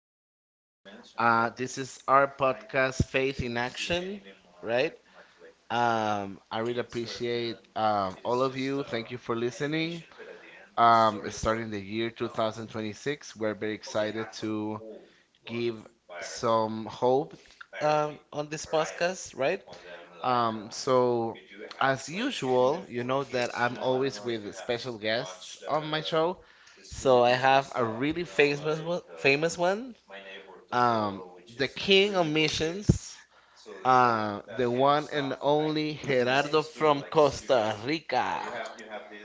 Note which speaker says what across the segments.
Speaker 1: Paul. This is our podcast, Faith in Action, right? I really appreciate all of you. Thank you for listening. Starting the year 2026, we're very excited to give some hope on this podcast, right? So, as usual, you know that I'm always with special guests on my show. So I have a really famous one, famous one. Um, the king of missions, the one and only Gerardo from Costa Rica.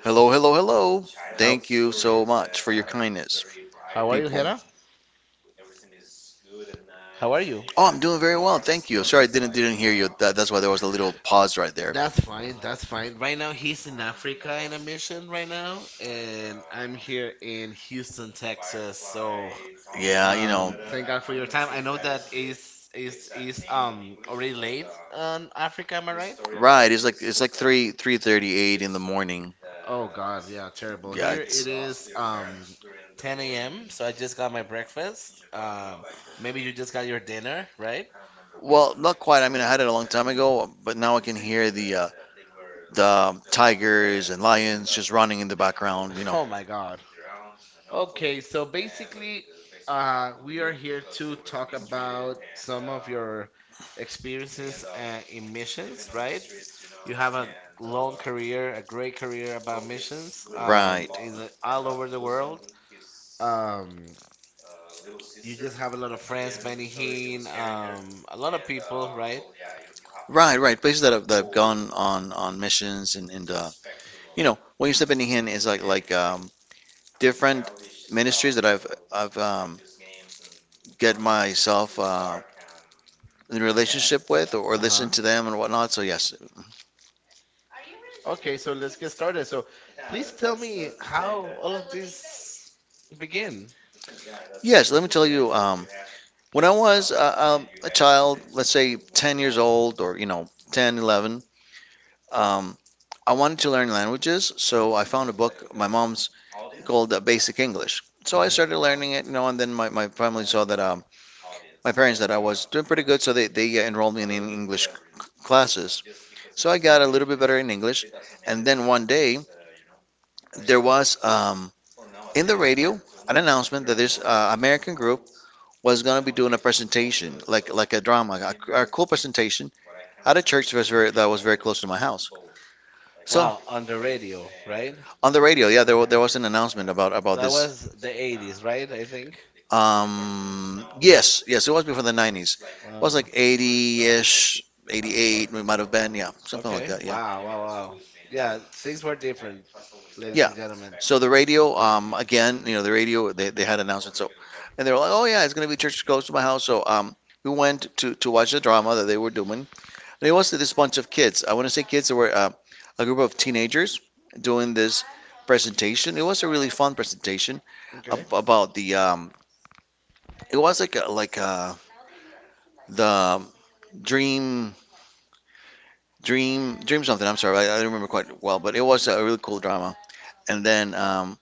Speaker 2: Hello, hello, hello.
Speaker 1: How
Speaker 2: Thank you so much for your kindness.
Speaker 1: how are you, Gerardo? How are you?
Speaker 2: Oh, I'm doing very well. Thank you. Sorry, I didn't hear you. That's why there was a little pause right there.
Speaker 1: That's fine. That's fine. Right now, he's in Africa in a mission right now, and I'm here in Houston, Texas. So.
Speaker 2: Yeah, you know,
Speaker 1: Thank God for your time. I know that is already late on Africa. Am I right?
Speaker 2: right. It's like three thirty eight in the morning.
Speaker 1: Oh God, yeah, terrible.
Speaker 2: Yeah,
Speaker 1: Here it
Speaker 2: it's
Speaker 1: is 10 a.m. So I just got my breakfast. Maybe you just got your dinner, right?
Speaker 2: well, not quite. I mean, I had it a long time ago, but now I can hear the tigers and lions just running in the background.
Speaker 1: Oh my God. Okay, so basically, we are here to talk about some of your experiences in missions, right? You have a long career, a great career about missions,
Speaker 2: Right.
Speaker 1: all over the world. Um, you just have a lot of friends, Benny Hinn, a lot of people,
Speaker 2: to
Speaker 1: right?
Speaker 2: Right, right. Places that have gone on missions and you of know when you step in here is like different ministries that I've um, and get myself and in a and yeah, relationship with or
Speaker 1: Uh huh.
Speaker 2: listen to them and whatnot. So yes, yeah.
Speaker 1: Okay, so let's get started. So, please tell me how all of this began.
Speaker 2: Yes. Let me tell you. Um, when I was a child, let's say 10 years old or you know 10, 11, um, I wanted to learn languages, so I found a book, my mom's, called Basic English. So I
Speaker 1: Okay.
Speaker 2: started learning it, and then my family saw that, my parents, that I was doing pretty good, so they enrolled me in English classes. So I got a little bit better in English, and then one day there was in the radio an announcement that this American group was going to be doing a presentation, like a drama, a cool presentation at a church that was very close to my house. So
Speaker 1: Wow, on the radio, right?
Speaker 2: on the radio, yeah, there was an announcement about
Speaker 1: That was
Speaker 2: this.
Speaker 1: the 80s, right? I think.
Speaker 2: Yes, yes, it was before the 90s.
Speaker 1: It
Speaker 2: It was
Speaker 1: Uh,
Speaker 2: like 80-ish, 88. We might have been, yeah, something like
Speaker 1: okay.
Speaker 2: that, yeah.
Speaker 1: Wow, wow, wow. Yeah, things were different, ladies, yeah,
Speaker 2: Yeah.
Speaker 1: and gentlemen.
Speaker 2: So the radio,
Speaker 1: Uh,
Speaker 2: again, the radio, they had announcements. So, and they were like, oh yeah, it's gonna be church close to my house. So, we went to watch the drama that they were doing, and it was this bunch of kids. I want to say kids that were a group of teenagers doing this presentation. It was a really fun presentation.
Speaker 1: okay.
Speaker 2: Ab- about the It was like the dream dream something. I'm sorry, I don't remember quite well, but it was a really cool drama. And then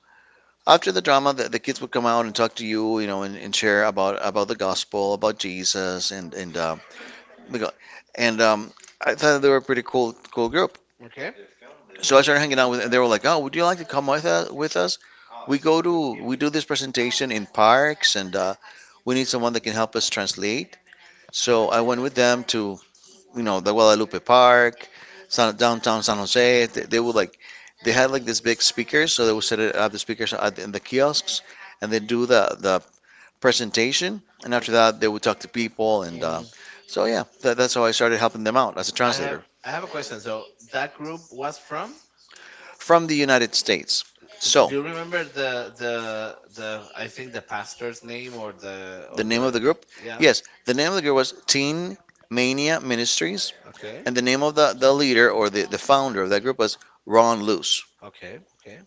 Speaker 2: after the drama, the kids would come out and talk to you, and share about the gospel, about Jesus, and we got- and um, I thought they were a pretty cool group.
Speaker 1: Okay. And
Speaker 2: So I started hanging out with, and they were like, "Oh, would you like to come with us? With us? We go to we do this presentation in parks, and we need someone that can help us translate." So I went with them to the Guadalupe Park, downtown San Jose. They had like this big speakers, so they would set it up the speakers at, in the kiosks, and they do the presentation, and after that they would talk to people, and
Speaker 1: mm-hmm.
Speaker 2: so yeah, that's how I started helping them out as a
Speaker 1: I have
Speaker 2: translator
Speaker 1: attractive. I have a question. So that group was from?
Speaker 2: from the United States. So,
Speaker 1: Do you remember the, I think, the pastor's name, or the
Speaker 2: the or
Speaker 1: or
Speaker 2: name
Speaker 1: the
Speaker 2: of the group,
Speaker 1: yeah?
Speaker 2: yes, the name of the group was Teen Mania Ministries.
Speaker 1: Okay.
Speaker 2: And the name of the leader or the founder of that group was Ron Luce.
Speaker 1: Okay. Okay.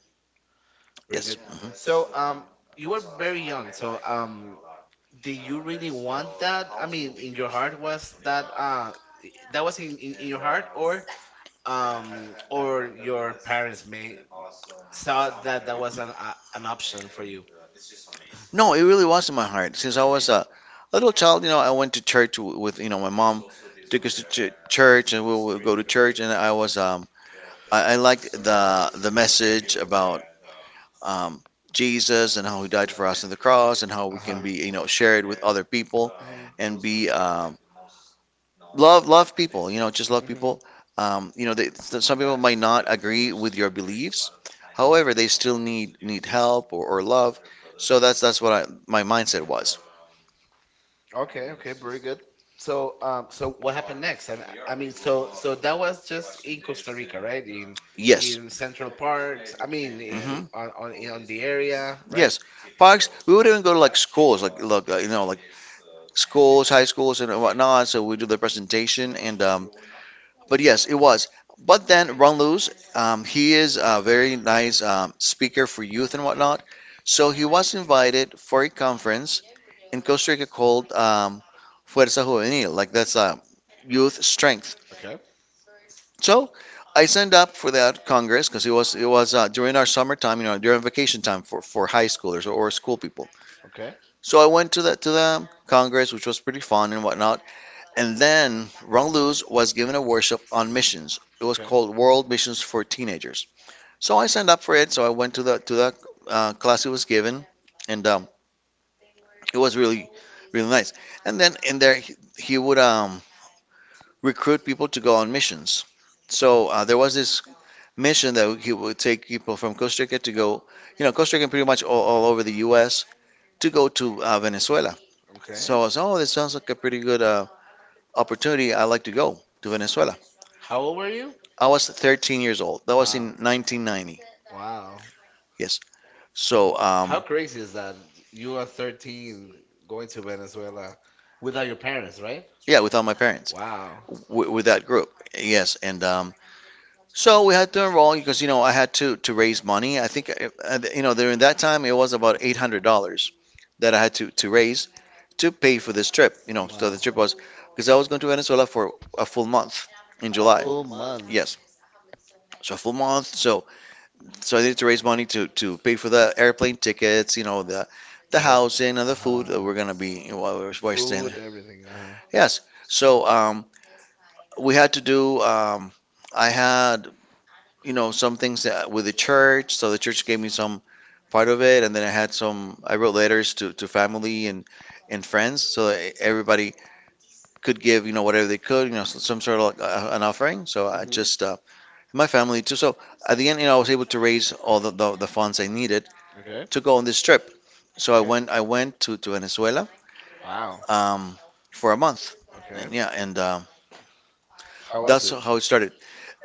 Speaker 1: Very
Speaker 2: Yes.
Speaker 1: good. So, you were very young. So, did you really want that? I mean, in your heart was that that was in your heart, or your parents may saw that that was an option for you.
Speaker 2: No, it really was in my heart. Since I was a little child, I went to church with, my mom took us to church and we would go to church. And I was, I liked the message about um, Jesus and how he died for us on the cross and how we can
Speaker 1: Uh-huh.
Speaker 2: be, shared with other people
Speaker 1: Mhm.
Speaker 2: and be, love people, just love
Speaker 1: Mhm.
Speaker 2: people. They, some people might not agree with your beliefs, however they still need help or love. So that's what my mindset was.
Speaker 1: Okay, okay, very good. So, what happened next? I mean, so that was just in Costa Rica, right? In
Speaker 2: Yes.
Speaker 1: in Central Park. I mean, i- i-
Speaker 2: Mhm.
Speaker 1: on on in- on the area, right?
Speaker 2: Yes, parks. We would even go to like schools, like schools, high schools, and whatnot. So we do the presentation, and but yes, it was. But then Ron Lewis, he is a very nice speaker for youth and whatnot. So he was invited for a conference in Costa Rica called Fuerza Juvenil, like that's youth strength.
Speaker 1: Okay,
Speaker 2: So I signed up for that congress because it was during our summertime, during vacation time for high schoolers or school people.
Speaker 1: okay,
Speaker 2: So I went to the congress, which was pretty fun and whatnot. And then Rongluz was given a workshop on missions. It was
Speaker 1: okay,
Speaker 2: called World Missions for Teenagers. So I signed up for it. So I went to the class it was given, and it was really nice. And then in there he would recruit people to go on missions. So there was this mission that he would take people from Costa Rica to go, Costa Rica pretty much all over the U.S. to go to Venezuela.
Speaker 1: okay.
Speaker 2: So I was, oh, this sounds like a pretty good opportunity. I'd like to go to Venezuela.
Speaker 1: How old were you?
Speaker 2: I was 13 years old. That was in
Speaker 1: Wow.
Speaker 2: 1990.
Speaker 1: Wow.
Speaker 2: Yes. So, How
Speaker 1: How crazy is that? You are 13 going to Venezuela without your parents, right?
Speaker 2: yeah, without my parents,
Speaker 1: Wow.
Speaker 2: with that group. Yes, and so we had to enroll because, I had to raise money. I think during that time it was about $800 that I had to raise to pay for this trip. So the
Speaker 1: Wow.
Speaker 2: trip was because I was going to Venezuela for a full month in A
Speaker 1: A
Speaker 2: July.
Speaker 1: full month.
Speaker 2: Yes, so a full month. So I needed to raise money to pay for the airplane tickets, the
Speaker 1: The
Speaker 2: the
Speaker 1: whole.
Speaker 2: housing
Speaker 1: Uh
Speaker 2: and the food that
Speaker 1: huh.
Speaker 2: we're gonna be while we're staying
Speaker 1: Food,
Speaker 2: there.
Speaker 1: everything. Uh huh.
Speaker 2: Yes. So we had to do. I had some things with the church. So the church gave me some part of it, and then I had some. I wrote letters to family and friends, so that everybody could give whatever they could, some sort of like, an offering. So I
Speaker 1: Mhm.
Speaker 2: just my family too. So at the end, I was able to raise all the funds I needed
Speaker 1: Okay.
Speaker 2: to go on this trip. So I
Speaker 1: Okay.
Speaker 2: went I went to Venezuela
Speaker 1: Wow.
Speaker 2: um, for a month,
Speaker 1: Okay.
Speaker 2: and yeah, and
Speaker 1: How was
Speaker 2: that's
Speaker 1: it?
Speaker 2: how it started.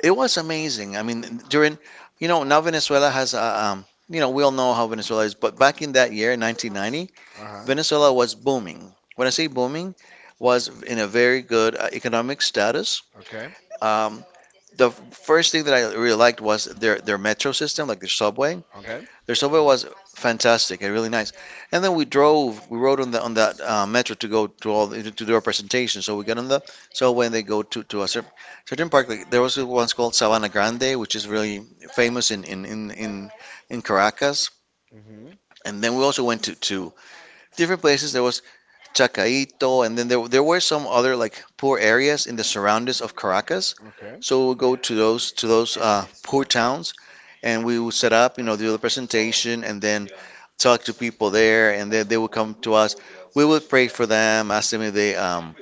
Speaker 2: It was amazing. I mean, during you know now Venezuela has a we all know how Venezuela is, but back in that year, 1990,
Speaker 1: Uh huh.
Speaker 2: Venezuela was booming. When I say booming, was in a very good economic status.
Speaker 1: Okay.
Speaker 2: Um, the first thing that I really liked was their metro system, like their subway.
Speaker 1: Okay.
Speaker 2: Their subway was fantastic and really nice. And then we drove. We rode on that metro to go to do our presentation. So we got on the subway and they go to a certain park. Like, there was one called Sabana Grande, which is really famous in Caracas.
Speaker 1: Mhm.
Speaker 2: And then we also went to different places. There was Chacaito, and then there were some other like poor areas in the surroundings of Caracas.
Speaker 1: Okay.
Speaker 2: So we'll go to those poor towns, and we would set up, do the presentation, and then talk to people there, and then they would come to us. We would pray for them, ask them if they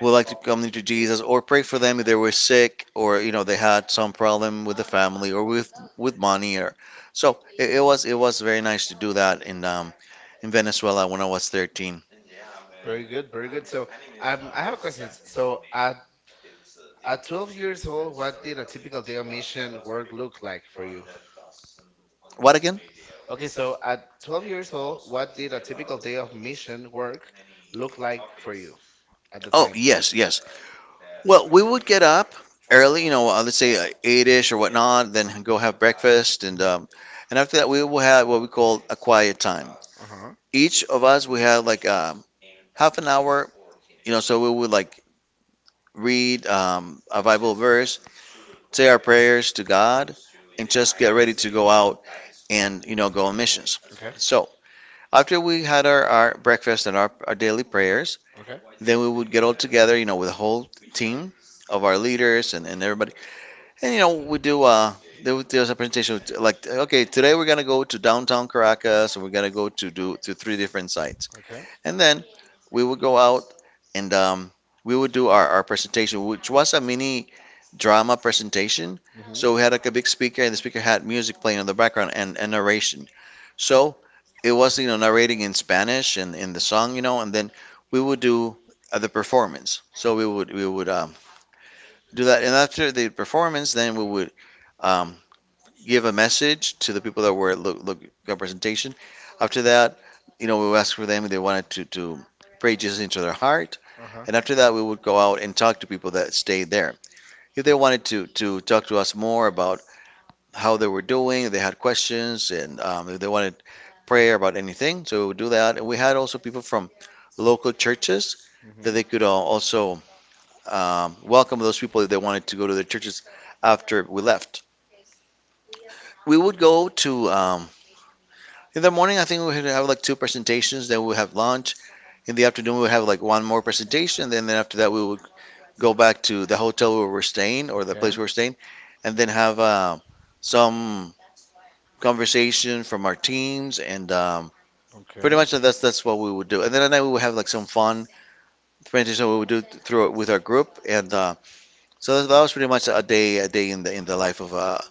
Speaker 2: would like to come into Jesus, or pray for them if they were sick, or they had some problem with the family or with money, or so it was very nice to do that in Venezuela when I was 13.
Speaker 1: Very good. Very good. So, I have a question. So, at 12 years old, what did a typical day of mission work look like for you?
Speaker 2: What again?
Speaker 1: Okay, so at 12 years old, what did a typical day of mission work look like for you at the
Speaker 2: Oh,
Speaker 1: time?
Speaker 2: yes, yes. Well, we would get up early, let's say eight-ish or whatnot, then go have breakfast,
Speaker 1: Mhm.
Speaker 2: and after that we will have what we call a quiet time.
Speaker 1: Uh-huh.
Speaker 2: Each of us we had like half an hour, So we would like read a Bible verse, say our prayers to God, and just get ready to go out and go on missions.
Speaker 1: Okay.
Speaker 2: So after we had our breakfast and our daily prayers,
Speaker 1: Okay.
Speaker 2: then we would get all together, with a whole team of our leaders and everybody. And, you know, we do, there was a presentation with, like, okay, today we're going to go to downtown Caracas and we're going to go to do to three different sites.
Speaker 1: Okay.
Speaker 2: And then we would go out and we would do our presentation, which was a mini drama presentation.
Speaker 1: Mm-hmm.
Speaker 2: So we had like a big speaker and the speaker had music playing in the background and narration. So it was, you know, narrating in Spanish and in the song, you know, and then we would do the performance. So we would do that, and after the performance, then we would um, give a message to the people that were look got presentation. After that, you know, we would ask for them if they wanted to pray Jesus into their heart,
Speaker 1: Uh-huh.
Speaker 2: and after that, we would go out and talk to people that stayed there. If they wanted to talk to us more about how they were doing. They had questions and if they wanted prayer about anything. So we would do that. And we had also people from local churches that
Speaker 1: Mm-hmm.
Speaker 2: they could also welcome those people if they wanted to go to their churches after we left. We would go to, in the morning, I think we would have like two presentations. Then we would have lunch. In the afternoon, we would have like one more presentation. Then after that, we would go back to the hotel where we were staying or the
Speaker 1: Okay.
Speaker 2: place we were staying and then have some conversation from our teams, and
Speaker 1: Okay.
Speaker 2: pretty much that's what we would do. And then at night we would have like some fun presentation we would do through it with our group, and so that was pretty much a day in the life of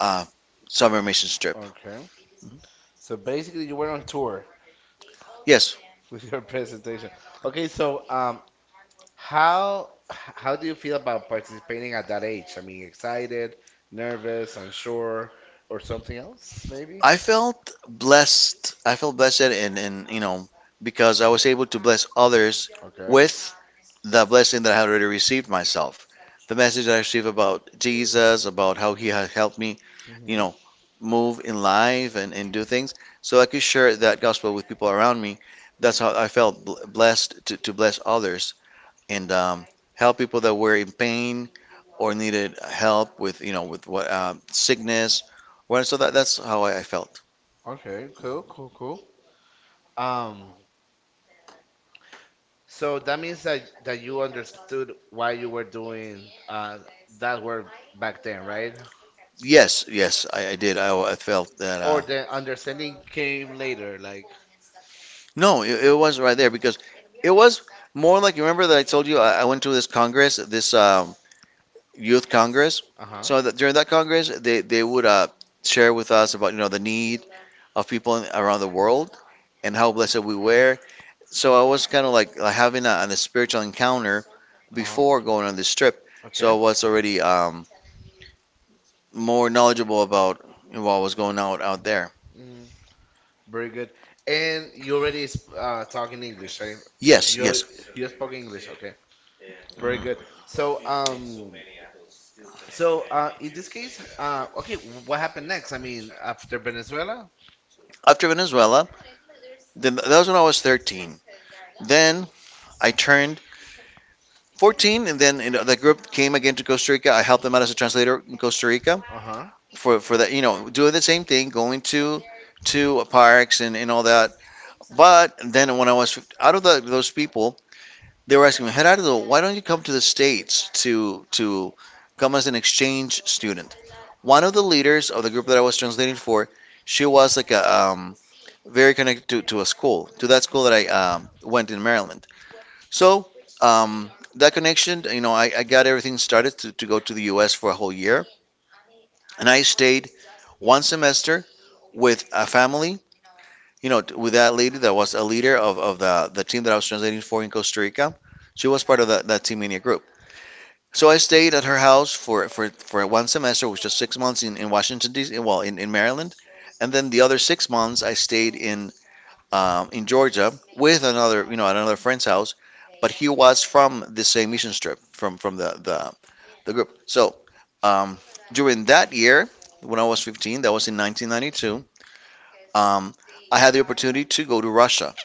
Speaker 2: a summer mission trip.
Speaker 1: Okay. So basically, you went on tour
Speaker 2: Yes,
Speaker 1: with your presentation. Okay, how do you feel about participating at that age? I mean, excited, nervous, unsure, or something else, maybe?
Speaker 2: I felt blessed. I felt blessed, and you know because I was able to bless others
Speaker 1: Okay.
Speaker 2: with the blessing that I had already received myself. The message I received about Jesus, about how He had helped me, you
Speaker 1: Hmm.
Speaker 2: know, move in life and do things. So I could share that gospel with people around me. That's how I felt blessed to bless others and help people that were in pain or needed help with, you know, with what sickness. Well, so that, that's how I felt.
Speaker 1: Okay, cool, cool, cool. Um, so that means that that you understood why you were doing that work back then, right?
Speaker 2: Yes, yes, I did. I felt that.
Speaker 1: Or
Speaker 2: Uh,
Speaker 1: the understanding came later, like,
Speaker 2: No, it was right there because it was more like you remember that I told you I went to this congress, this youth congress.
Speaker 1: uh-huh,
Speaker 2: So that during that congress, they would share with us about you know the need of people in, around the world and how blessed we were. So I was kind of like having a spiritual encounter
Speaker 1: uh-huh,
Speaker 2: before going on this trip.
Speaker 1: okay.
Speaker 2: So I was already more knowledgeable about what was going out there.
Speaker 1: Very good. And you already sp talking English, right?
Speaker 2: Yes, yes.
Speaker 1: You you spoke English, okay? Very good.
Speaker 2: Mhm.
Speaker 1: So um, so, in this case, okay, what happened next? I mean, after Venezuela?
Speaker 2: After Venezuela, then that was when I was 13. Then I turned 14, and then in the group came again to Costa Rica. I helped them out as a translator in Costa Rica
Speaker 1: Uh-huh.
Speaker 2: for that, you know, doing the same thing, going to parks and all that. But then when I was out of the, those people, they were asking me, Gerardo, why don't you come to the States to come as an exchange student? One of the leaders of the group that I was translating for, she was like a very connected to a school, to that school that I went in Maryland. So um, that connection, you know, I got everything started to go to the U.S. for a whole year, and I stayed one semester with a family, you know, with that lady that was a leader of the team that I was translating for in Costa Rica. She was part of that, that Team India group. So I stayed at her house for one semester, which was 6 months in Washington, D.C., well, in Maryland. And then the other 6 months I stayed in Georgia with another, you know, at another friend's house, but he was from the same mission trip from the group. So um, during that year, when I was 15, that was in 1992. Um, I had the opportunity to go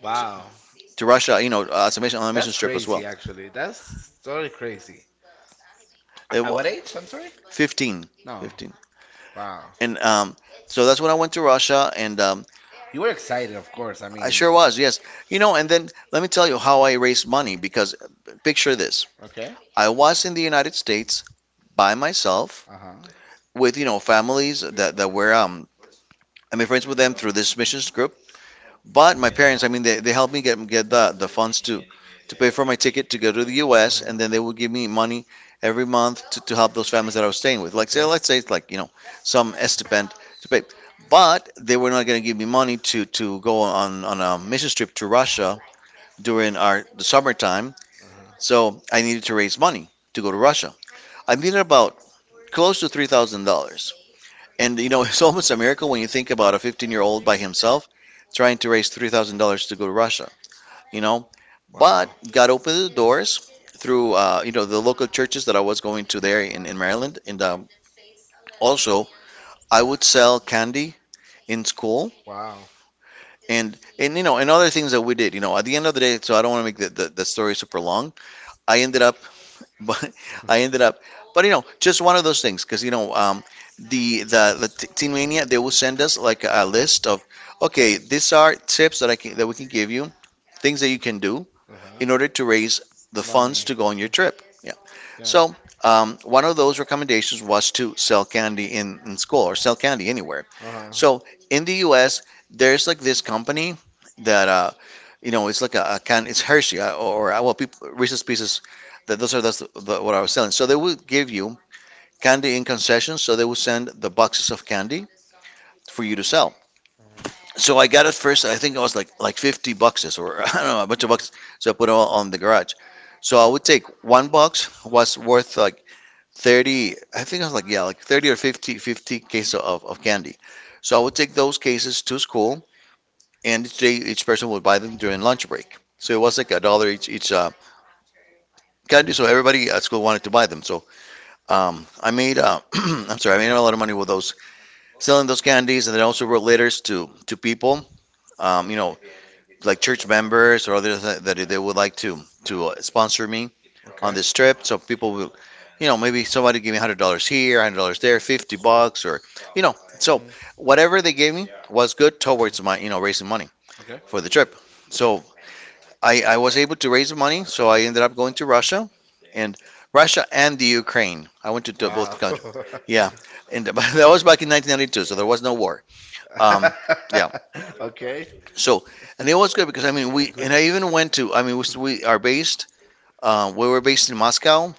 Speaker 1: Wow,
Speaker 2: to Russia, you know, as a mission on a mission
Speaker 1: that's
Speaker 2: trip as well.
Speaker 1: crazy, actually. That's totally crazy.
Speaker 2: It
Speaker 1: At
Speaker 2: wa-
Speaker 1: what age? I'm sorry.
Speaker 2: 15,
Speaker 1: No.
Speaker 2: 15,
Speaker 1: Wow.
Speaker 2: and so that's when I went to Russia, and
Speaker 1: You were excited, of course. I
Speaker 2: I
Speaker 1: mean,
Speaker 2: sure was, yes. You know, and then let me tell you how I raised money because picture this.
Speaker 1: okay.
Speaker 2: I was in the United States by myself
Speaker 1: Uh-huh.
Speaker 2: with you know families that that were I made friends with them through this missions group. But my parents, I mean, they helped me get the funds to pay for my ticket to go to the U.S.
Speaker 1: Mhm.
Speaker 2: and then they would give me money every month to help those families that I was staying with. Like say
Speaker 1: Okay.
Speaker 2: let's say it's like you know some stipend to pay. But they were not going to give me money to go on a missions trip to Russia during our the summertime.
Speaker 1: Uh-huh.
Speaker 2: So I needed to raise money to go to Russia. I needed about close to $3,000. And you know, it's almost a miracle when you think about a 15-year-old by himself trying to raise $3,000 to go to Russia, you know. But
Speaker 1: Wow.
Speaker 2: God opened the doors through, you know, the local churches that I was going to there in Maryland. And also, I would sell candy in school.
Speaker 1: Wow.
Speaker 2: And you know and other things that we did you know at the end of the day so I don't want to make the story super long I ended up but I ended up, but you know, just one of those things because you know, the Teen Mania they will send us like a list of, okay, these are tips that I can that we can give you, things that you can do
Speaker 1: Uh-huh.
Speaker 2: in order to raise the funds to go on your trip. Yeah. So one of those recommendations was to sell candy in school or sell candy anywhere.
Speaker 1: Uh-huh.
Speaker 2: So in the U.S., there's like this company that you know it's like a can. It's Hershey or well, people, Reese's Pieces. That those are that's the, what I was selling. So they will give you candy in concessions. So they will send the boxes of candy for you to sell.
Speaker 1: Mhm.
Speaker 2: So I got it first. I think it was like 50 boxes or I don't know a bunch of boxes. So I put it all on the garage. So I would take one box was worth like 30. I think I was like yeah like 30 or 50 cases of candy. So I would take those cases to school and each day each person would buy them during lunch break. So it was like a dollar each candy. So everybody at school wanted to buy them. So I made I'm sorry, I made a lot of money with those selling those candies, and then I also wrote letters to people, you know, like church members or others that, that they would like to sponsor me on
Speaker 1: Okay.
Speaker 2: this trip. So people will, you know, maybe somebody give me $100 here, $100 there, $50, or you know, so
Speaker 1: Mhm.
Speaker 2: whatever they gave me was
Speaker 1: Mhm.
Speaker 2: good towards my you know raising money
Speaker 1: Okay.
Speaker 2: for the trip. So I was able to raise the money, so I ended up going to Russia, and Russia and the Ukraine. I went to both countries. Yeah, and that was back in 1992, so there was no war. Um,
Speaker 1: Yeah.
Speaker 2: yeah.
Speaker 1: Okay.
Speaker 2: So and it was good because I mean we
Speaker 1: Good.
Speaker 2: and I even went to I mean we are based
Speaker 1: In
Speaker 2: we were based in Moscow,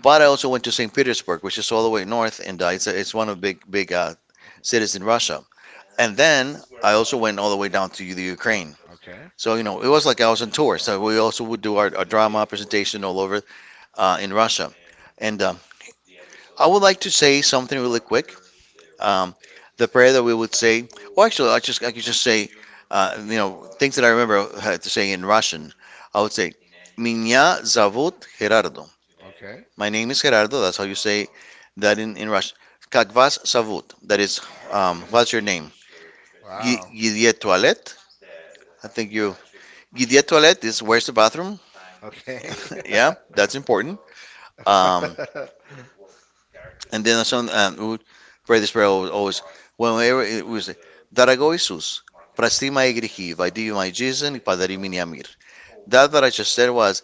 Speaker 2: but I also went to St. Petersburg, which is all the way north, and it's a, it's one of the big cities in Russia. And then I also went all the way down to the Ukraine.
Speaker 1: Okay.
Speaker 2: So, you know, it was like I was on tour. So we also would do our drama presentation all over in Russia. And I would like to say something really quick. Um, the prayer that we would say, well, actually, I could just say, you know, things that I remember had to say in Russian. I would say, "Меня зовут Gerardo."
Speaker 1: Okay.
Speaker 2: My name is Gerardo. That's how you say that in Russian. Как вас зовут? That is, what's your name?
Speaker 1: Wow.
Speaker 2: Guillet Toilet. I think you. Guillet Toilet is where's the bathroom?
Speaker 1: Okay.
Speaker 2: Yeah,
Speaker 1: Yeah.
Speaker 2: that's important. Um,
Speaker 1: Uh,
Speaker 2: and then some pray this prayer always, always. Whenever it was, Δαραγώ Isus, πραστή my γρυχή, vadi my Jesus, and padari mini amir. That I just said was,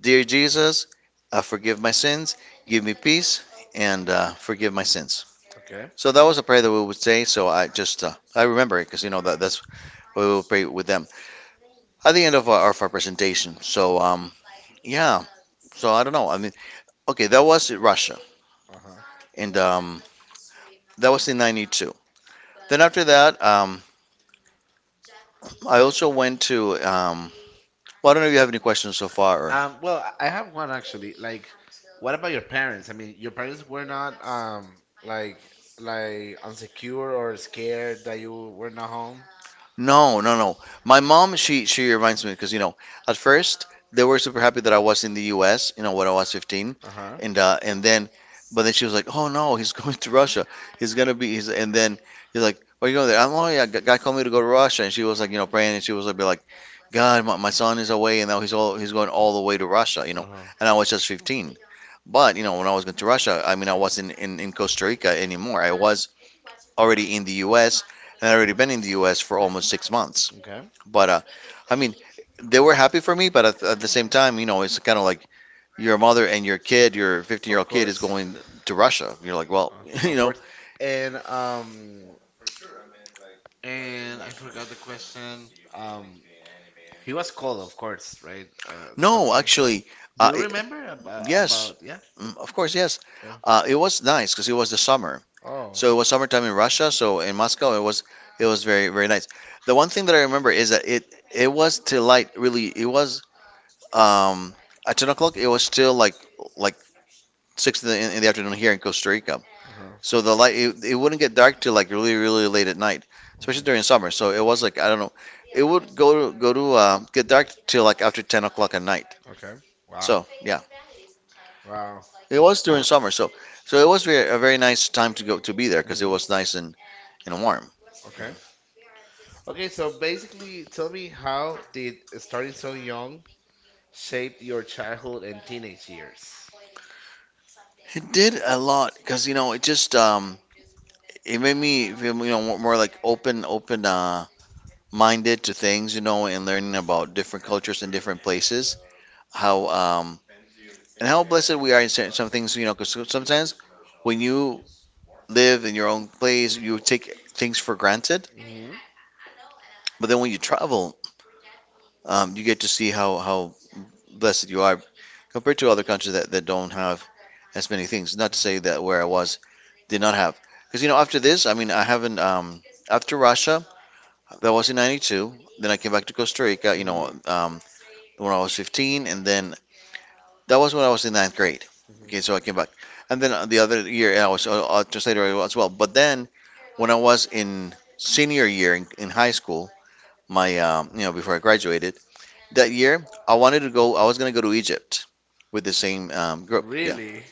Speaker 2: Dear Jesus, forgive my sins, give me peace, and forgive my sins.
Speaker 1: Okay.
Speaker 2: So that was a prayer that we would say. So I just I remember it because you know that's what we will pray with them at the end of our presentation. So yeah. So I don't know. I mean, okay, that was Russia.
Speaker 1: Uh-huh.
Speaker 2: And That was in '92. Then after that, I also went to. I don't know if you have any questions so far.
Speaker 1: Well, I have one actually. Like, what about your parents? I mean, your parents were not like like insecure or scared that you were not home.
Speaker 2: No, no, no. My mom, she reminds me because you know, at first they were super happy that I was in the U.S. You know, when I was 15,
Speaker 1: Uh huh.
Speaker 2: and uh, and then, but then she was like, "Oh no, he's going to Russia. He's gonna be." He's, and then he's like, "Where you going there?" I'm, "Oh yeah, guy called me to go to Russia," and she was like, you know, praying, and she was like, be like, "God, my son is away, and now he's all he's going all the way to Russia," you know.
Speaker 1: Uh huh.
Speaker 2: And I was just 15, but you know, when I was going to Russia, I mean, I wasn't in Costa Rica anymore. I was already in the U.S. and I already been in the U.S. for almost 6 months.
Speaker 1: Okay.
Speaker 2: But I mean, they were happy for me, but at the same time, you know, it's kind of like your mother and your kid, your 15 year
Speaker 1: Of
Speaker 2: old kid, is
Speaker 1: course.
Speaker 2: going to Russia. You're like, well, you
Speaker 1: Of
Speaker 2: know,
Speaker 1: course. And um and I forgot the question. He was cold, of course, right? The
Speaker 2: no,
Speaker 1: country.
Speaker 2: actually,
Speaker 1: Do
Speaker 2: uh,
Speaker 1: you
Speaker 2: it-
Speaker 1: remember, yes, about
Speaker 2: yes,
Speaker 1: about yeah?
Speaker 2: Mm, of course, yes.
Speaker 1: Yeah.
Speaker 2: It was nice because it was the summer,
Speaker 1: Oh.
Speaker 2: so it was summertime in Russia. So in Moscow, it was very very nice. The one thing that I remember is that it was till light. Really, it was um, at 10 o'clock. It was still like six in in the afternoon here in Costa Rica.
Speaker 1: Uh huh.
Speaker 2: So the light it wouldn't get dark till like really really late at night, especially
Speaker 1: Hmm.
Speaker 2: during summer. So it was like I don't know, it would go to get dark till like after 10 o'clock at night.
Speaker 1: Okay. Wow.
Speaker 2: So yeah,
Speaker 1: Wow.
Speaker 2: it was during summer. So so it was very, a very nice time to go to be there because it
Speaker 1: Hmm.
Speaker 2: was nice and warm.
Speaker 1: Okay. Okay. So basically, tell me, how did starting so young shape your childhood and teenage years?
Speaker 2: It did a lot because you know it just it made me feel you know more like open minded to things you know and learning about different cultures and different places. How um how blessed we are in certain some things, you know, because sometimes when you live in your own place, you take things for granted.
Speaker 1: Mm-hmm.
Speaker 2: But then when you travel, you get to see how blessed you are compared to other countries that don't have as many things. Not to say that where I was did not have. Because, you know, after this, I mean, I haven't, after Russia, that was in 92. Then I came back to Costa Rica, you
Speaker 1: Mm-hmm.
Speaker 2: know, when I was 15. And then that was when I was in ninth grade.
Speaker 1: Hmm.
Speaker 2: Okay, so I came back, and then the other year I was a translator as well. But then, when I was in senior year in high school, my you know before I graduated that year, I wanted to go. I was gonna go to Egypt with the same group. Yeah.
Speaker 1: Really?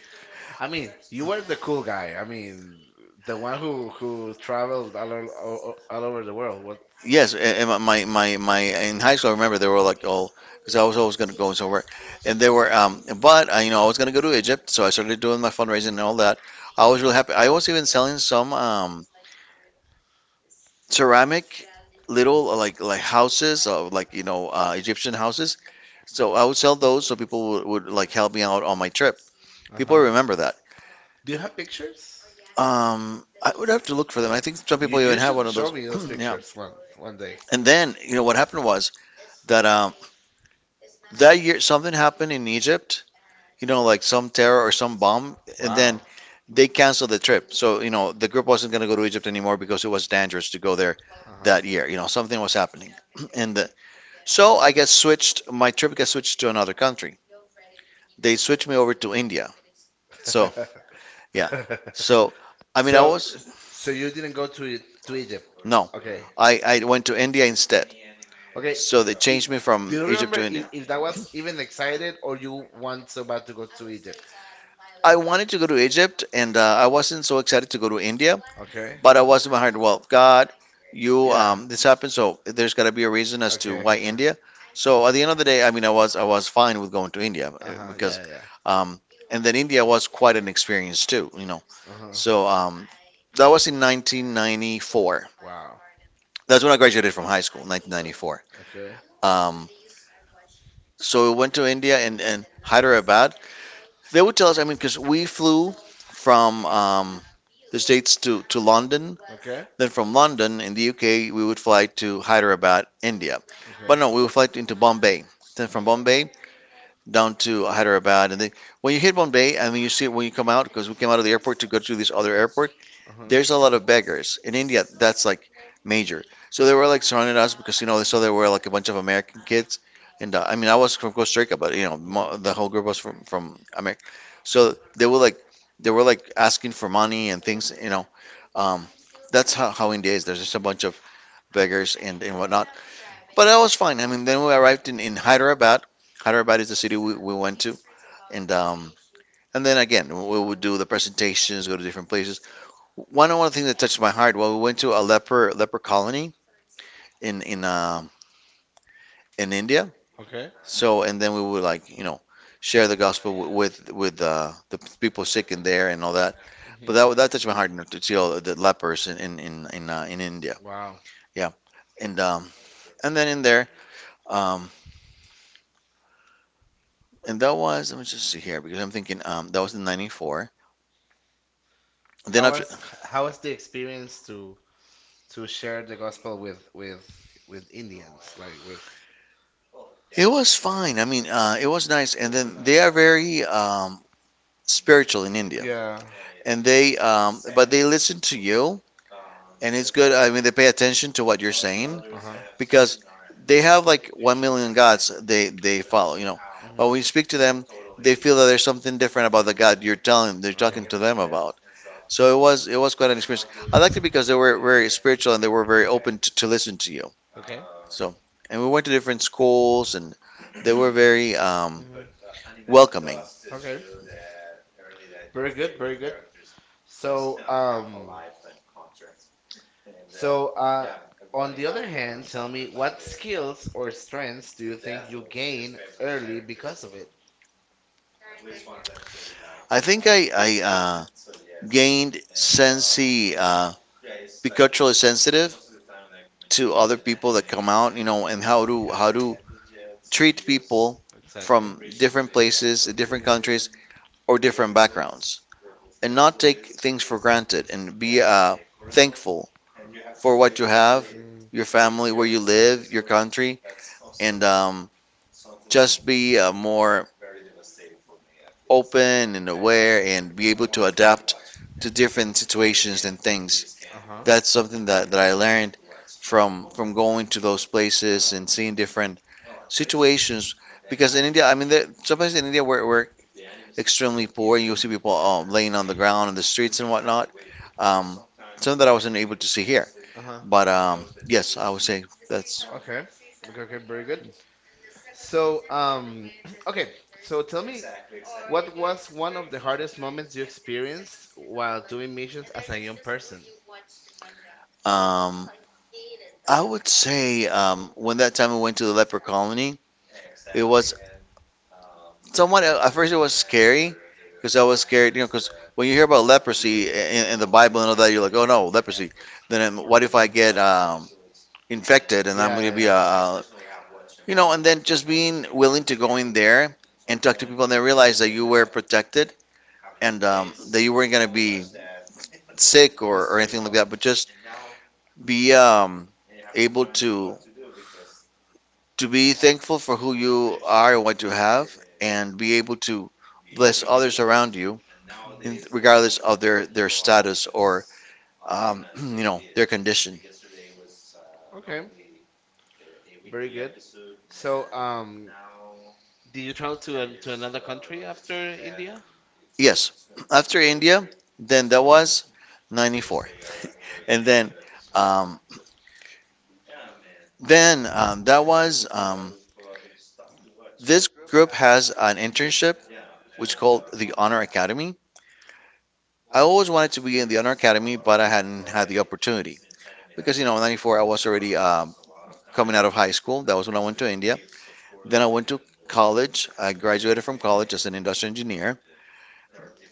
Speaker 1: I mean, you were the cool guy. I mean, the one who traveled all over the world. What?
Speaker 2: Yes, and my in high school I remember they were like all because I was always going to go somewhere, and they were but you know I was going to go to Egypt, so I started doing my fundraising and all that. I was really happy. I was even selling some ceramic little like houses of like you know Egyptian houses. So I would sell those so people would like help me out on my trip.
Speaker 1: Uh
Speaker 2: People
Speaker 1: huh.
Speaker 2: remember that.
Speaker 1: Do you have pictures?
Speaker 2: I would have to look for them. I think some
Speaker 1: You
Speaker 2: people even
Speaker 1: you
Speaker 2: have
Speaker 1: should
Speaker 2: one of
Speaker 1: show
Speaker 2: those.
Speaker 1: me those
Speaker 2: Yeah.
Speaker 1: pictures one day.
Speaker 2: And then you know what happened was that that year something happened in Egypt. You know, like some terror or some bomb, and then
Speaker 1: Wow.
Speaker 2: they canceled the trip. So you know the group wasn't going to go to Egypt anymore because it was dangerous to go there
Speaker 1: Uh
Speaker 2: that year. You know something was happening, and the, so I got switched. My trip got switched to another country. They switched me over to India. So
Speaker 1: huh.
Speaker 2: yeah. So I mean, I
Speaker 1: so
Speaker 2: was
Speaker 1: so you didn't go to Egypt.
Speaker 2: no.
Speaker 1: Okay.
Speaker 2: I went to India instead.
Speaker 1: Okay.
Speaker 2: So they
Speaker 1: E-
Speaker 2: changed me from
Speaker 1: do you
Speaker 2: Egypt to
Speaker 1: remember if,
Speaker 2: India.
Speaker 1: that was even excited, or you want so bad to go to Egypt?
Speaker 2: I wanted to go to Egypt, and I wasn't so excited to go to India.
Speaker 1: Okay.
Speaker 2: But I wasn't behind. Well, God, you,
Speaker 1: Yeah.
Speaker 2: this happened, so there's got to be a reason as to
Speaker 1: Okay.
Speaker 2: why India. So at the end of the day, I mean, I was fine with going to India
Speaker 1: Uh huh.
Speaker 2: because,
Speaker 1: Yeah. Yeah.
Speaker 2: um, and then India was quite an experience too, you know.
Speaker 1: Uh huh.
Speaker 2: So that was in 1994.
Speaker 1: Wow.
Speaker 2: That's when I graduated from high school, 1994.
Speaker 1: Okay.
Speaker 2: Um, so we went to India and Hyderabad. They would tell us, I mean, because we flew from the States to London.
Speaker 1: Okay.
Speaker 2: Then from London in the UK, we would fly to Hyderabad, India. But no, we would fly into Bombay. Then from Bombay down to Hyderabad, and then when you hit Bombay, and then you see it when you come out, because we came out of the airport to go to this other airport,
Speaker 1: Uh huh.
Speaker 2: there's a lot of beggars in India. That's like major. So they were like surrounding us because you know they saw there were like a bunch of American kids, and I mean I was from Costa Rica, but you know the whole group was from America. So they were like asking for money and things. You know, um, that's how India is. There's just a bunch of beggars and whatnot. But that was fine. I mean, then we arrived in Hyderabad. Hyderabad is the city we went to, and um, and then again, we would do the presentations, go to different places. One of the things that touched my heart. Well, we went to a leper colony in in uh, in India.
Speaker 1: Okay.
Speaker 2: So and then we would like you know share the gospel with the people sick in there and all that. But that touched my heart you know, to see all the lepers in India.
Speaker 1: Wow.
Speaker 2: Yeah, and um and then in there um and that was let me just see here because I'm thinking that was in '94. Then
Speaker 1: How
Speaker 2: after
Speaker 1: was how was the experience to share the gospel with Indians, like with
Speaker 2: it was fine. I mean it was nice. And then they are very spiritual in India.
Speaker 1: yeah.
Speaker 2: And they but they listen to you, and it's good. I mean they pay attention to what you're saying because they have like 1 million gods they follow, you know, but when you speak to them they feel that there's something different about the god you're telling they're talking to them about. So it was quite an experience. I liked it because they were very spiritual and they were very open to listen to you. So and we went to different schools and they were very
Speaker 1: Mhm.
Speaker 2: welcoming.
Speaker 1: Okay. Very good, very good. So, so uh, on the other hand, tell me, what skills or strengths do you think you gain early because of it?
Speaker 2: I think I gained sensey, be culturally sensitive to other people that come out, you know, and
Speaker 1: Mm.
Speaker 2: how to treat people
Speaker 1: Exactly.
Speaker 2: from different places, different countries, or different backgrounds, and not take things for granted, and be thankful for what you have,
Speaker 1: Mm,
Speaker 2: your family, where you live, your country, and just be more open and aware and be able to adapt to different situations and things.
Speaker 1: uh-huh.
Speaker 2: That's something that I learned from going to those places and seeing different situations. Because in India, I mean, there, sometimes in India we're extremely poor. You'll see people laying on the ground in the streets and whatnot. Um, something that I wasn't able to see here.
Speaker 1: Uh-huh.
Speaker 2: But yes, I would say that's.
Speaker 1: Okay. Okay, okay, very good. So, okay, so tell me, what was one of the hardest moments you experienced while doing missions as a young person?
Speaker 2: Um, I would say when that time we went to the leper colony, it was somewhat. At first it was scary because I was scared, you know, because when you hear about leprosy in the Bible and all that, you're like, oh no, leprosy. Then what if I get infected and I'm
Speaker 1: Yeah,
Speaker 2: gonna
Speaker 1: yeah,
Speaker 2: be
Speaker 1: yeah.
Speaker 2: a you know, and then just being willing to go in there and talk to people and then realize that you were protected and that you weren't gonna be sick or anything like that, but just be able to be thankful for who you are and what you have, and be able to bless others around you, regardless of their status or you know, their condition.
Speaker 1: Okay. Very good. So, did you travel to another country after India?
Speaker 2: Yes, after India, then that was 94, and um, then that was this group has an internship which called the Honor Academy. I always wanted to be in the Honor Academy, but I hadn't had the opportunity, because you know, in 94 I was already coming out of high school. That was when I went to India. Then I went to college. I graduated from college as an industrial engineer.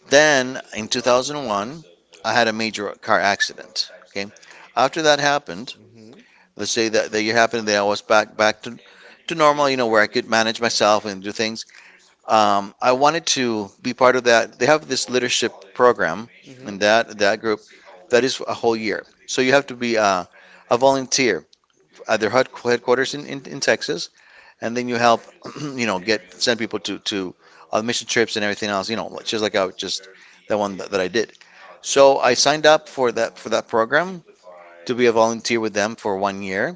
Speaker 2: Then in 2001, I had a major car accident. Okay. After that happened,
Speaker 1: Hmm.
Speaker 2: let's say that the year happened, then I was back to normal, you know, where I could manage myself and do things. I wanted to be part of that. They have this leadership program
Speaker 1: Hmm.
Speaker 2: in that group that is a whole year. So you have to be a volunteer their headquarters in Texas, and then you help, you know, get send people to on mission trips and everything else. You know, just like I just the one that I did. So I signed up for that program to be a volunteer with them for one year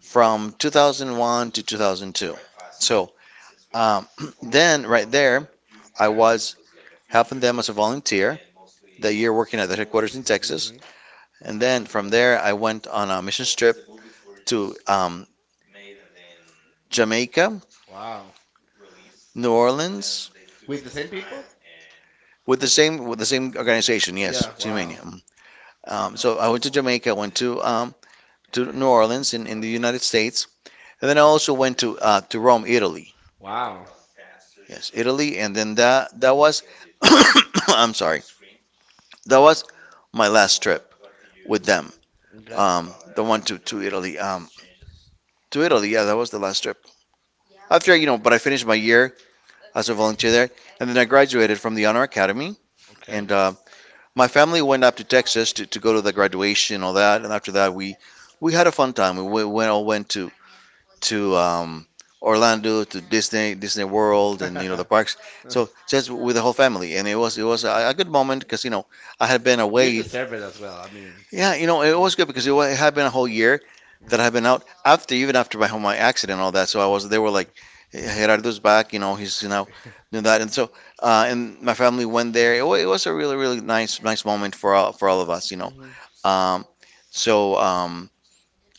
Speaker 2: from 2001 to 2002. So um, then right there, I was helping them as a volunteer that year working at the headquarters in Texas,
Speaker 1: Hmm.
Speaker 2: and then from there I went on a mission trip to Jamaica,
Speaker 1: Wow.
Speaker 2: New Orleans,
Speaker 1: With the same people?
Speaker 2: with the same organization, yes,
Speaker 1: Yeah.
Speaker 2: Team
Speaker 1: Wow.
Speaker 2: Mania. So I went to Jamaica, went to New Orleans in the United States, and then I also went to Rome, Italy.
Speaker 1: Wow.
Speaker 2: Yes, Italy, and then that was I'm sorry, that was my last trip with them.
Speaker 1: Okay.
Speaker 2: The one to Italy. To Italy, yeah, that was the last trip. After you know, but I finished my year as a volunteer there, and then I graduated from the Honor Academy,
Speaker 1: Okay.
Speaker 2: and my family went up to Texas to go to the graduation and all that. And after that, we had a fun time. We went, all went to to um, Orlando to Disney World and you know the parks. So just with the whole family, and it was a good moment because you know I had been
Speaker 1: You
Speaker 2: away
Speaker 1: deserve it as well. I mean.
Speaker 2: yeah, you know, it was good because it had been a whole year that I've
Speaker 1: Mm.
Speaker 2: been out after, even after my accident and all that. So I was, they were like,
Speaker 1: Mm.
Speaker 2: "Hey, Gerardo's back, you know, he's, you know, doing that. And so, and my family went there. It was a really, really nice, nice moment for all of us, you know.
Speaker 1: Mm-hmm.
Speaker 2: Um, so,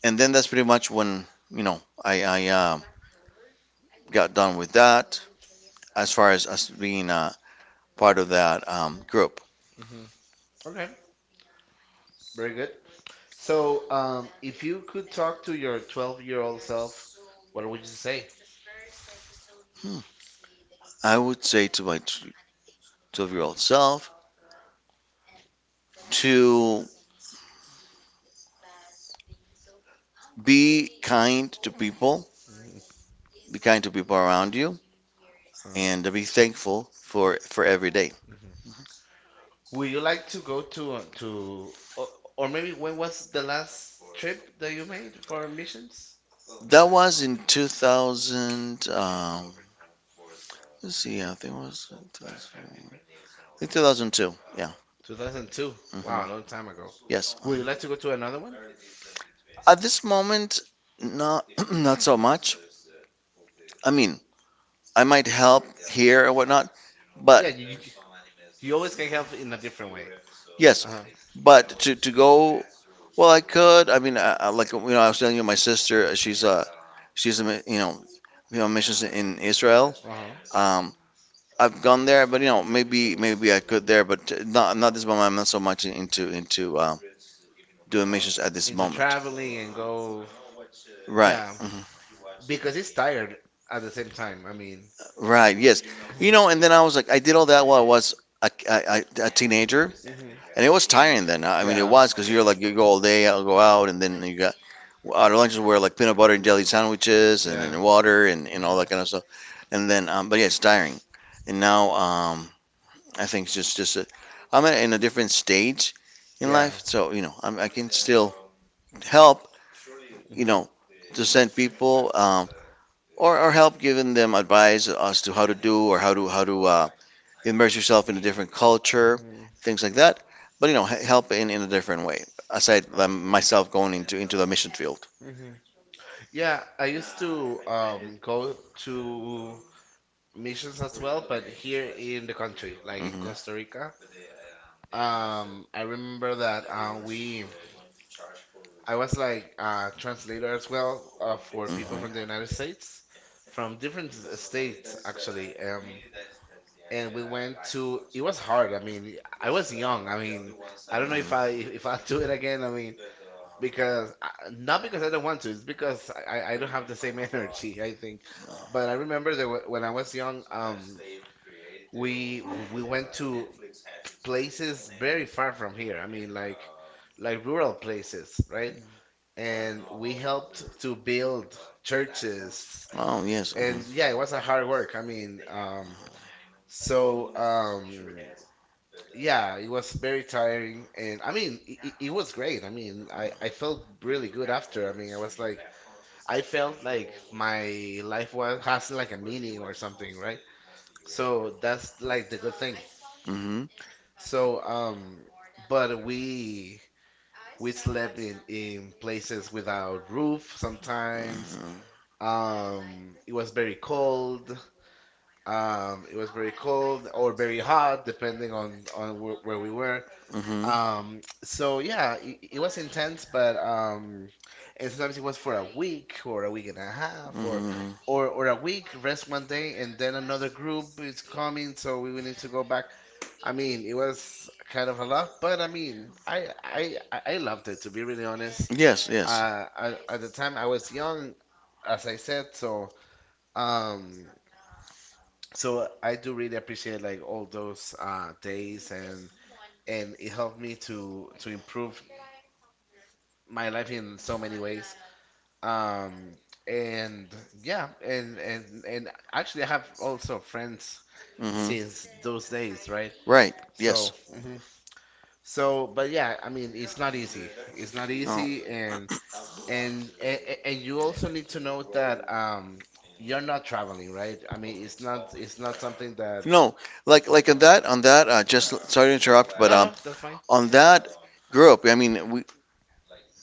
Speaker 2: and then that's pretty much when, you know, I got done with that as far as us being, part of that, group.
Speaker 1: Hmm. Okay, very good. So, if you could talk to your 12-year-old self, what would you say?
Speaker 2: I would say to my 12-year-old self to be kind to people,
Speaker 1: Mhm.
Speaker 2: be kind to people around you,
Speaker 1: Uh,
Speaker 2: and be thankful for every day.
Speaker 1: mhm. Would you like to go to or maybe, when was the last trip that you made for missions?
Speaker 2: That was in 2000. Let's see, I think it was 2000, I think 2002. Yeah.
Speaker 1: 2002. Wow,
Speaker 2: Hmm.
Speaker 1: a long time ago.
Speaker 2: Yes.
Speaker 1: Would you like to go to another one?
Speaker 2: At this moment, not not so much. I mean, I might help here or whatnot, but
Speaker 1: Yeah, you always can help in a different way.
Speaker 2: yes,
Speaker 1: Uh-huh.
Speaker 2: but to go, well, I could. I mean, like you know, I was telling you, my sister, she's a you know, you know, missions in Israel.
Speaker 1: Uh-huh.
Speaker 2: Um, I've gone there, but you know, maybe I could there, but not not this moment. I'm not so much into doing missions at this
Speaker 1: Into
Speaker 2: moment.
Speaker 1: traveling and go,
Speaker 2: Right,
Speaker 1: yeah,
Speaker 2: mhm.
Speaker 1: because it's tired at the same time. I mean,
Speaker 2: Right, yes. You know, and then I was like, I did all that while I was a, a, a teenager,
Speaker 1: hmm,
Speaker 2: and it was tiring then. I mean, it
Speaker 1: yeah,
Speaker 2: was because you're like, you go all day, I'll go out, and then you got our lunches were like peanut butter and jelly sandwiches, and
Speaker 1: yeah.
Speaker 2: then water and all
Speaker 1: Hmm.
Speaker 2: that kind of stuff. And then, but yeah, it's tiring. And now, I think it's just I'm in a different stage in
Speaker 1: Yeah.
Speaker 2: life, so you know, I can still help, you
Speaker 1: Hmm.
Speaker 2: know, to send people or help giving them advice as to how to do or how to immerse yourself in a different culture,
Speaker 1: Hmm.
Speaker 2: things like that. But you know, help in a different way aside than myself going into the mission field.
Speaker 1: Hmm. Yeah. I used to go to missions as well, but here in the country, like in
Speaker 2: Hmm.
Speaker 1: Costa Rica. I remember that we I was like a translator as well, for people from the
Speaker 2: Hmm.
Speaker 1: United States, from different states, actually. And we went to. It was hard. I mean, I was young. I mean, I don't know if I if I'll do it again. I mean, because not because I don't want to. It's because I don't have the same energy, I think. But I remember that when I was young, we we went to places very far from here. I mean, like, rural places, right? And we helped to build churches.
Speaker 2: Oh yes.
Speaker 1: And yeah, it was a hard work. I mean, so um, yeah, it was very tiring. And I mean, it was great. I mean, I felt really good after. I mean, I was like, I felt like my life was has like a meaning or something, right? So that's like the good thing.
Speaker 2: Hmm.
Speaker 1: So um, but we slept in places without roof sometimes.
Speaker 2: Hmm.
Speaker 1: It was very cold. It was very cold, or very hot, depending on where, we were.
Speaker 2: Mm-hmm.
Speaker 1: So yeah, it was intense, but and sometimes it was for a week, or a week and a half, or
Speaker 2: Mm-hmm.
Speaker 1: a week, rest one day, and then another group is coming, so we will need to go back. I mean, it was kind of a lot, but I mean, I loved it, to be really honest.
Speaker 2: Yes, yes.
Speaker 1: At the time I was young, as I said, so. Um, so I do really appreciate like all those days. And it helped me to improve my life in so many ways. Um, and yeah, and actually, I have also friends
Speaker 2: Mm-hmm.
Speaker 1: since those days, right?
Speaker 2: Right. Yes.
Speaker 1: So, mhm. So, but yeah, I mean, it's not easy. It's not
Speaker 2: No.
Speaker 1: easy, and you also need to know that, you're not traveling, right? I mean, it's not something that.
Speaker 2: No, like on that just sorry to interrupt, but
Speaker 1: No, no, that's fine.
Speaker 2: on that group, I mean we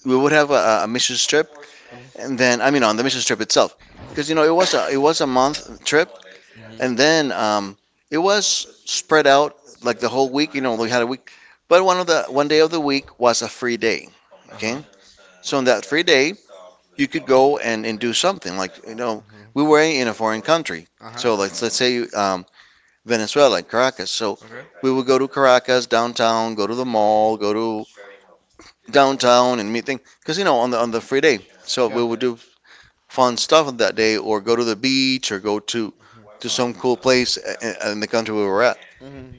Speaker 2: we would have a mission trip, and
Speaker 1: Mm-hmm.
Speaker 2: then I mean on the mission trip itself, because you know it was a month trip. And then it was spread out like the whole week. You know, we had a week, but one of the one day of the week was a free day.
Speaker 1: Uh huh.
Speaker 2: Okay, so on that free day, you could go and do something. Like you know, we
Speaker 1: Rebel.
Speaker 2: were in a foreign country,
Speaker 1: Huh. Uh huh.
Speaker 2: so let's say Venezuela, Caracas. So
Speaker 1: Okay.
Speaker 2: we would go to Caracas downtown, go to the mall, go to downtown and meet things. Because you know, on the free day, so we
Speaker 1: Yeah.
Speaker 2: would do fun stuff on that day, or go to the beach, or go to some cool place in the country we were at.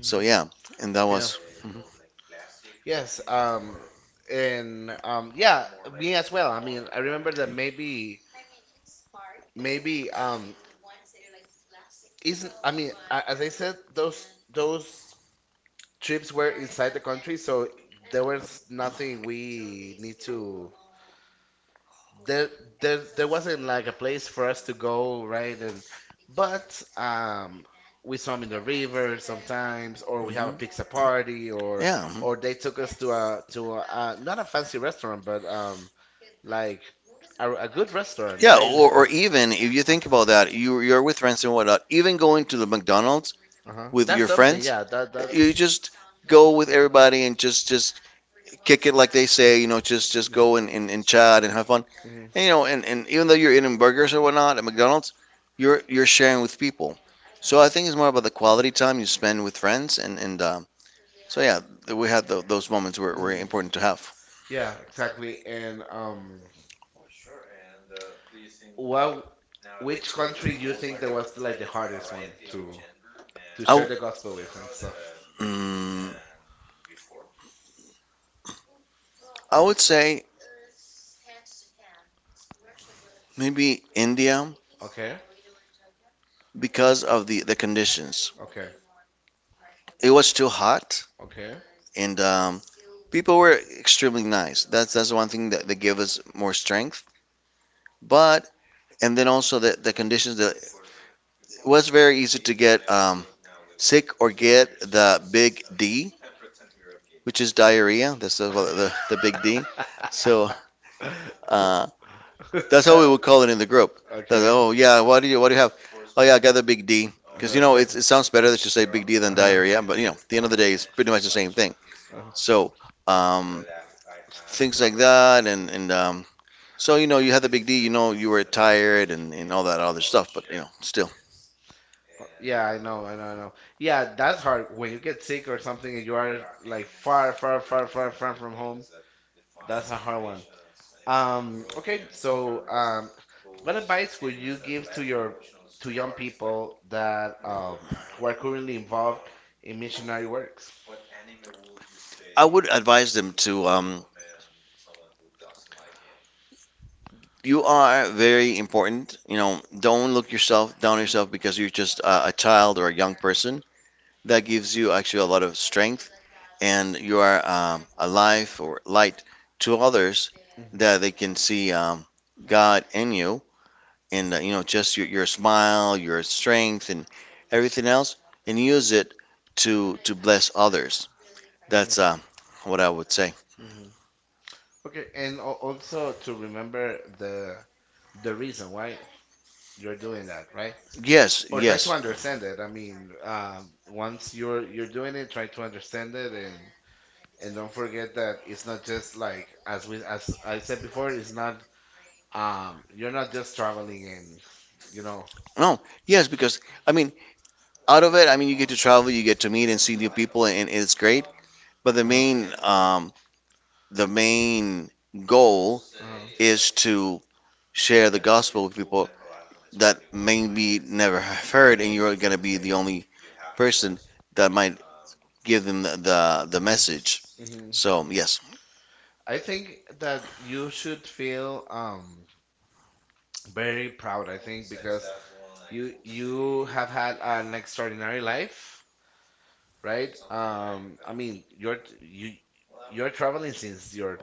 Speaker 2: So yeah, and that
Speaker 1: Yeah.
Speaker 2: was mhm,
Speaker 1: Yes. And. Yeah. Me as well. I mean, I remember that, maybe, Isn't, I mean, as I said, those trips were inside the country, so there was nothing we need to. There there there wasn't like a place for us to go, right? And but we swam in the river sometimes, or we have a
Speaker 2: mhm.
Speaker 1: pizza party, or
Speaker 2: Yeah, mhm.
Speaker 1: they took us to a, not a fancy restaurant, but like a good restaurant,
Speaker 2: Yeah.
Speaker 1: right?
Speaker 2: Or even if you
Speaker 1: Uh,
Speaker 2: think about that, you you're with friends and whatnot. Even going to the McDonald's
Speaker 1: uh-huh.
Speaker 2: with
Speaker 1: That's
Speaker 2: your
Speaker 1: something,
Speaker 2: friends,
Speaker 1: yeah. That's.
Speaker 2: you just go with everybody and just kick it like they say. You know, just go and chat and have fun.
Speaker 1: Mhm.
Speaker 2: And you know, and even though you're eating burgers or whatnot at McDonald's, you're sharing with people. So I think it's more about the quality time you spend with friends and so yeah, we had those moments were
Speaker 1: Mhm.
Speaker 2: important to have.
Speaker 1: Yeah, exactly. And what which country do you think that was like the hardest one to
Speaker 2: I,
Speaker 1: share
Speaker 2: w-
Speaker 1: the gospel with and stuff?
Speaker 2: mm, I would say maybe India
Speaker 1: Okay,
Speaker 2: because of the conditions.
Speaker 1: okay,
Speaker 2: It was too hot
Speaker 1: okay.
Speaker 2: and people were extremely nice. That's one thing that, that gave us more strength. But and then also the conditions that it was very easy to get sick or get the big D, which is diarrhea. That's the big D. So uh, that's how we would call it in the group.
Speaker 1: Okay.
Speaker 2: Oh yeah, what do you have? Oh yeah, I got the Big D. Because you know
Speaker 1: Uh-huh.
Speaker 2: it's, it sounds better to say Big D than
Speaker 1: Uh-huh. Uh-huh.
Speaker 2: diarrhea, but you know at the end of the day it's pretty much the same thing. So um, things like that, and so you know you had the Big D, you know you were tired and all that other stuff, but you know still,
Speaker 1: Yeah, I know, I know, I know. Yeah, that's hard when you get sick or something and you are, like, far, far, far, far, far from home. That's a hard one. Okay, so what advice would you give to your, to young people that, who are currently involved in missionary works?
Speaker 2: I would advise them to you are very important. You know, don't look yourself down on yourself because you're just a child or a young person. That gives you actually a lot of strength and you are a life or light to others
Speaker 1: Mhm,
Speaker 2: that they can see God in you and you know, just your smile, your strength, and everything else, and use it to bless others.
Speaker 1: mhm,
Speaker 2: That's what I would say.
Speaker 1: mhm. Okay, and also, to remember the, reason why you're doing that, right?
Speaker 2: Yes,
Speaker 1: Or try to
Speaker 2: yes.
Speaker 1: understand it. I mean, once you're doing it, try to understand it. And don't forget that it's not, just like, as we as I said before, it's not. You're not just traveling, and, you know.
Speaker 2: No, yes, because I mean, out of it, I mean, you get to travel, you get to meet and see new people, and it's great. But
Speaker 1: Uh,
Speaker 2: the main goal
Speaker 1: uh,
Speaker 2: is to share the gospel with people that maybe never have heard, and you're gonna be the only person that might give them the the message.
Speaker 1: mm-hmm.
Speaker 2: So yes,
Speaker 1: I think that you should feel, very proud, I think, because you have had an extraordinary life, right? I mean, you're traveling since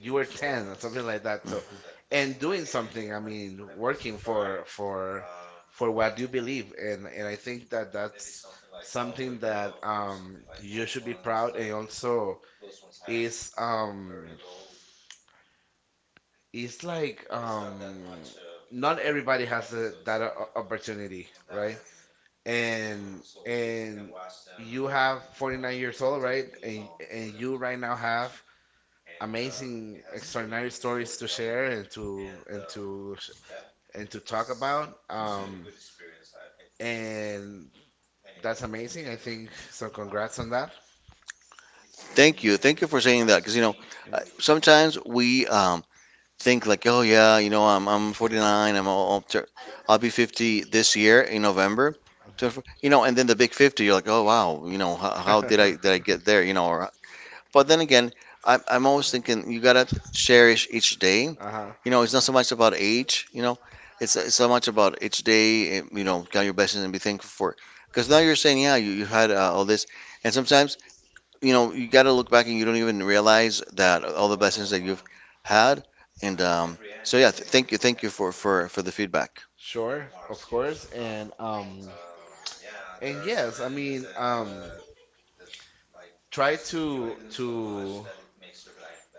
Speaker 1: you were 10 or something like that, so, and doing something, I mean, working for what you believe. And I think that that's something that, you should be proud, and also is, is, like, not everybody has that opportunity, right? And you have 49 years old, right? And you right now have amazing, extraordinary stories to share, and to talk about. And that's amazing, I think so. Congrats on that.
Speaker 2: thank you for saying that, because you know
Speaker 1: Mm.
Speaker 2: sometimes we think like, oh yeah, you know I'm 49, I'm all tur- I'll be 50 this year in November. So, you know, and then the big 50, you're like, oh wow, you know how, how did I get there? You know, or but then again, I'm always thinking you gotta cherish each day.
Speaker 1: Uh-huh.
Speaker 2: You know, it's not so much about age, you know, it's so much about each day, eh, you know, count your blessings and be thankful for it. Because now you're saying, yeah, you had all this. And sometimes, you know, you got to look back and you don't even realize that all the blessings that you've had. And so, yeah, thank you. Thank you for the feedback.
Speaker 1: Sure, of course. And yes, I mean, try to to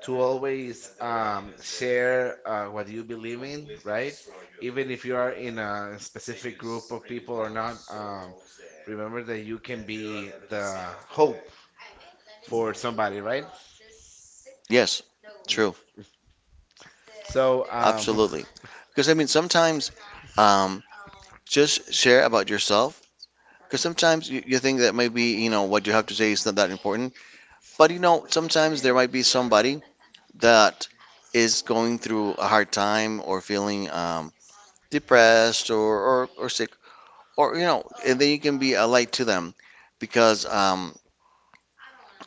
Speaker 1: to always, share, what you believe in, right? Even if you are in a specific group of people or not, remember that you can be the hope for somebody, right?
Speaker 2: Yes,
Speaker 1: Mm.
Speaker 2: true.
Speaker 1: So,
Speaker 2: Absolutely. Because, I mean, sometimes um, just share about yourself. Because sometimes you think that maybe, you know, what you have to say is not that important. But, you know, sometimes there might be somebody that is going through a hard time or feeling depressed or sick or you know, and then you can be a light to them because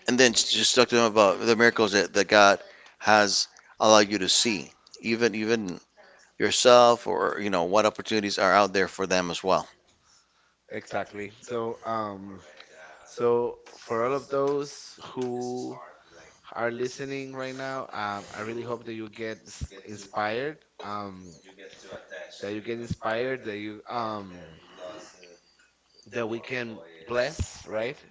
Speaker 2: and then just talk to them about the miracles that God has allowed you to see even yourself, or you know what opportunities are out there for them as well.
Speaker 1: exactly. So, for all of those who are listening right now, I really hope that you get inspired. That you get inspired. That you, that we can bless, right?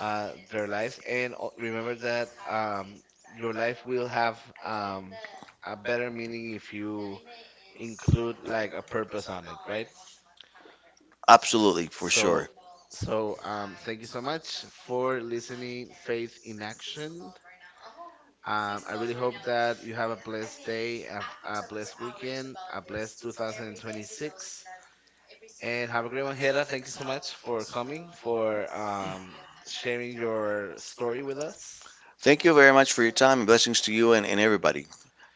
Speaker 1: Their lives. And remember that, your life will have, a better meaning, if you include like a purpose on it, right?
Speaker 2: Absolutely, for
Speaker 1: So,
Speaker 2: sure.
Speaker 1: so, thank you so much for listening, Faith in Action. I really hope that you have a blessed day, a, blessed weekend, a blessed 2026, and have a great one. Hera, thank you so much for coming, for sharing your story with us.
Speaker 2: Thank you very much for your time and blessings to you and everybody.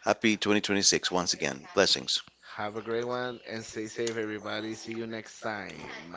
Speaker 2: Happy 2026, once again, blessings.
Speaker 1: Have a great one and stay safe, everybody. See you next time.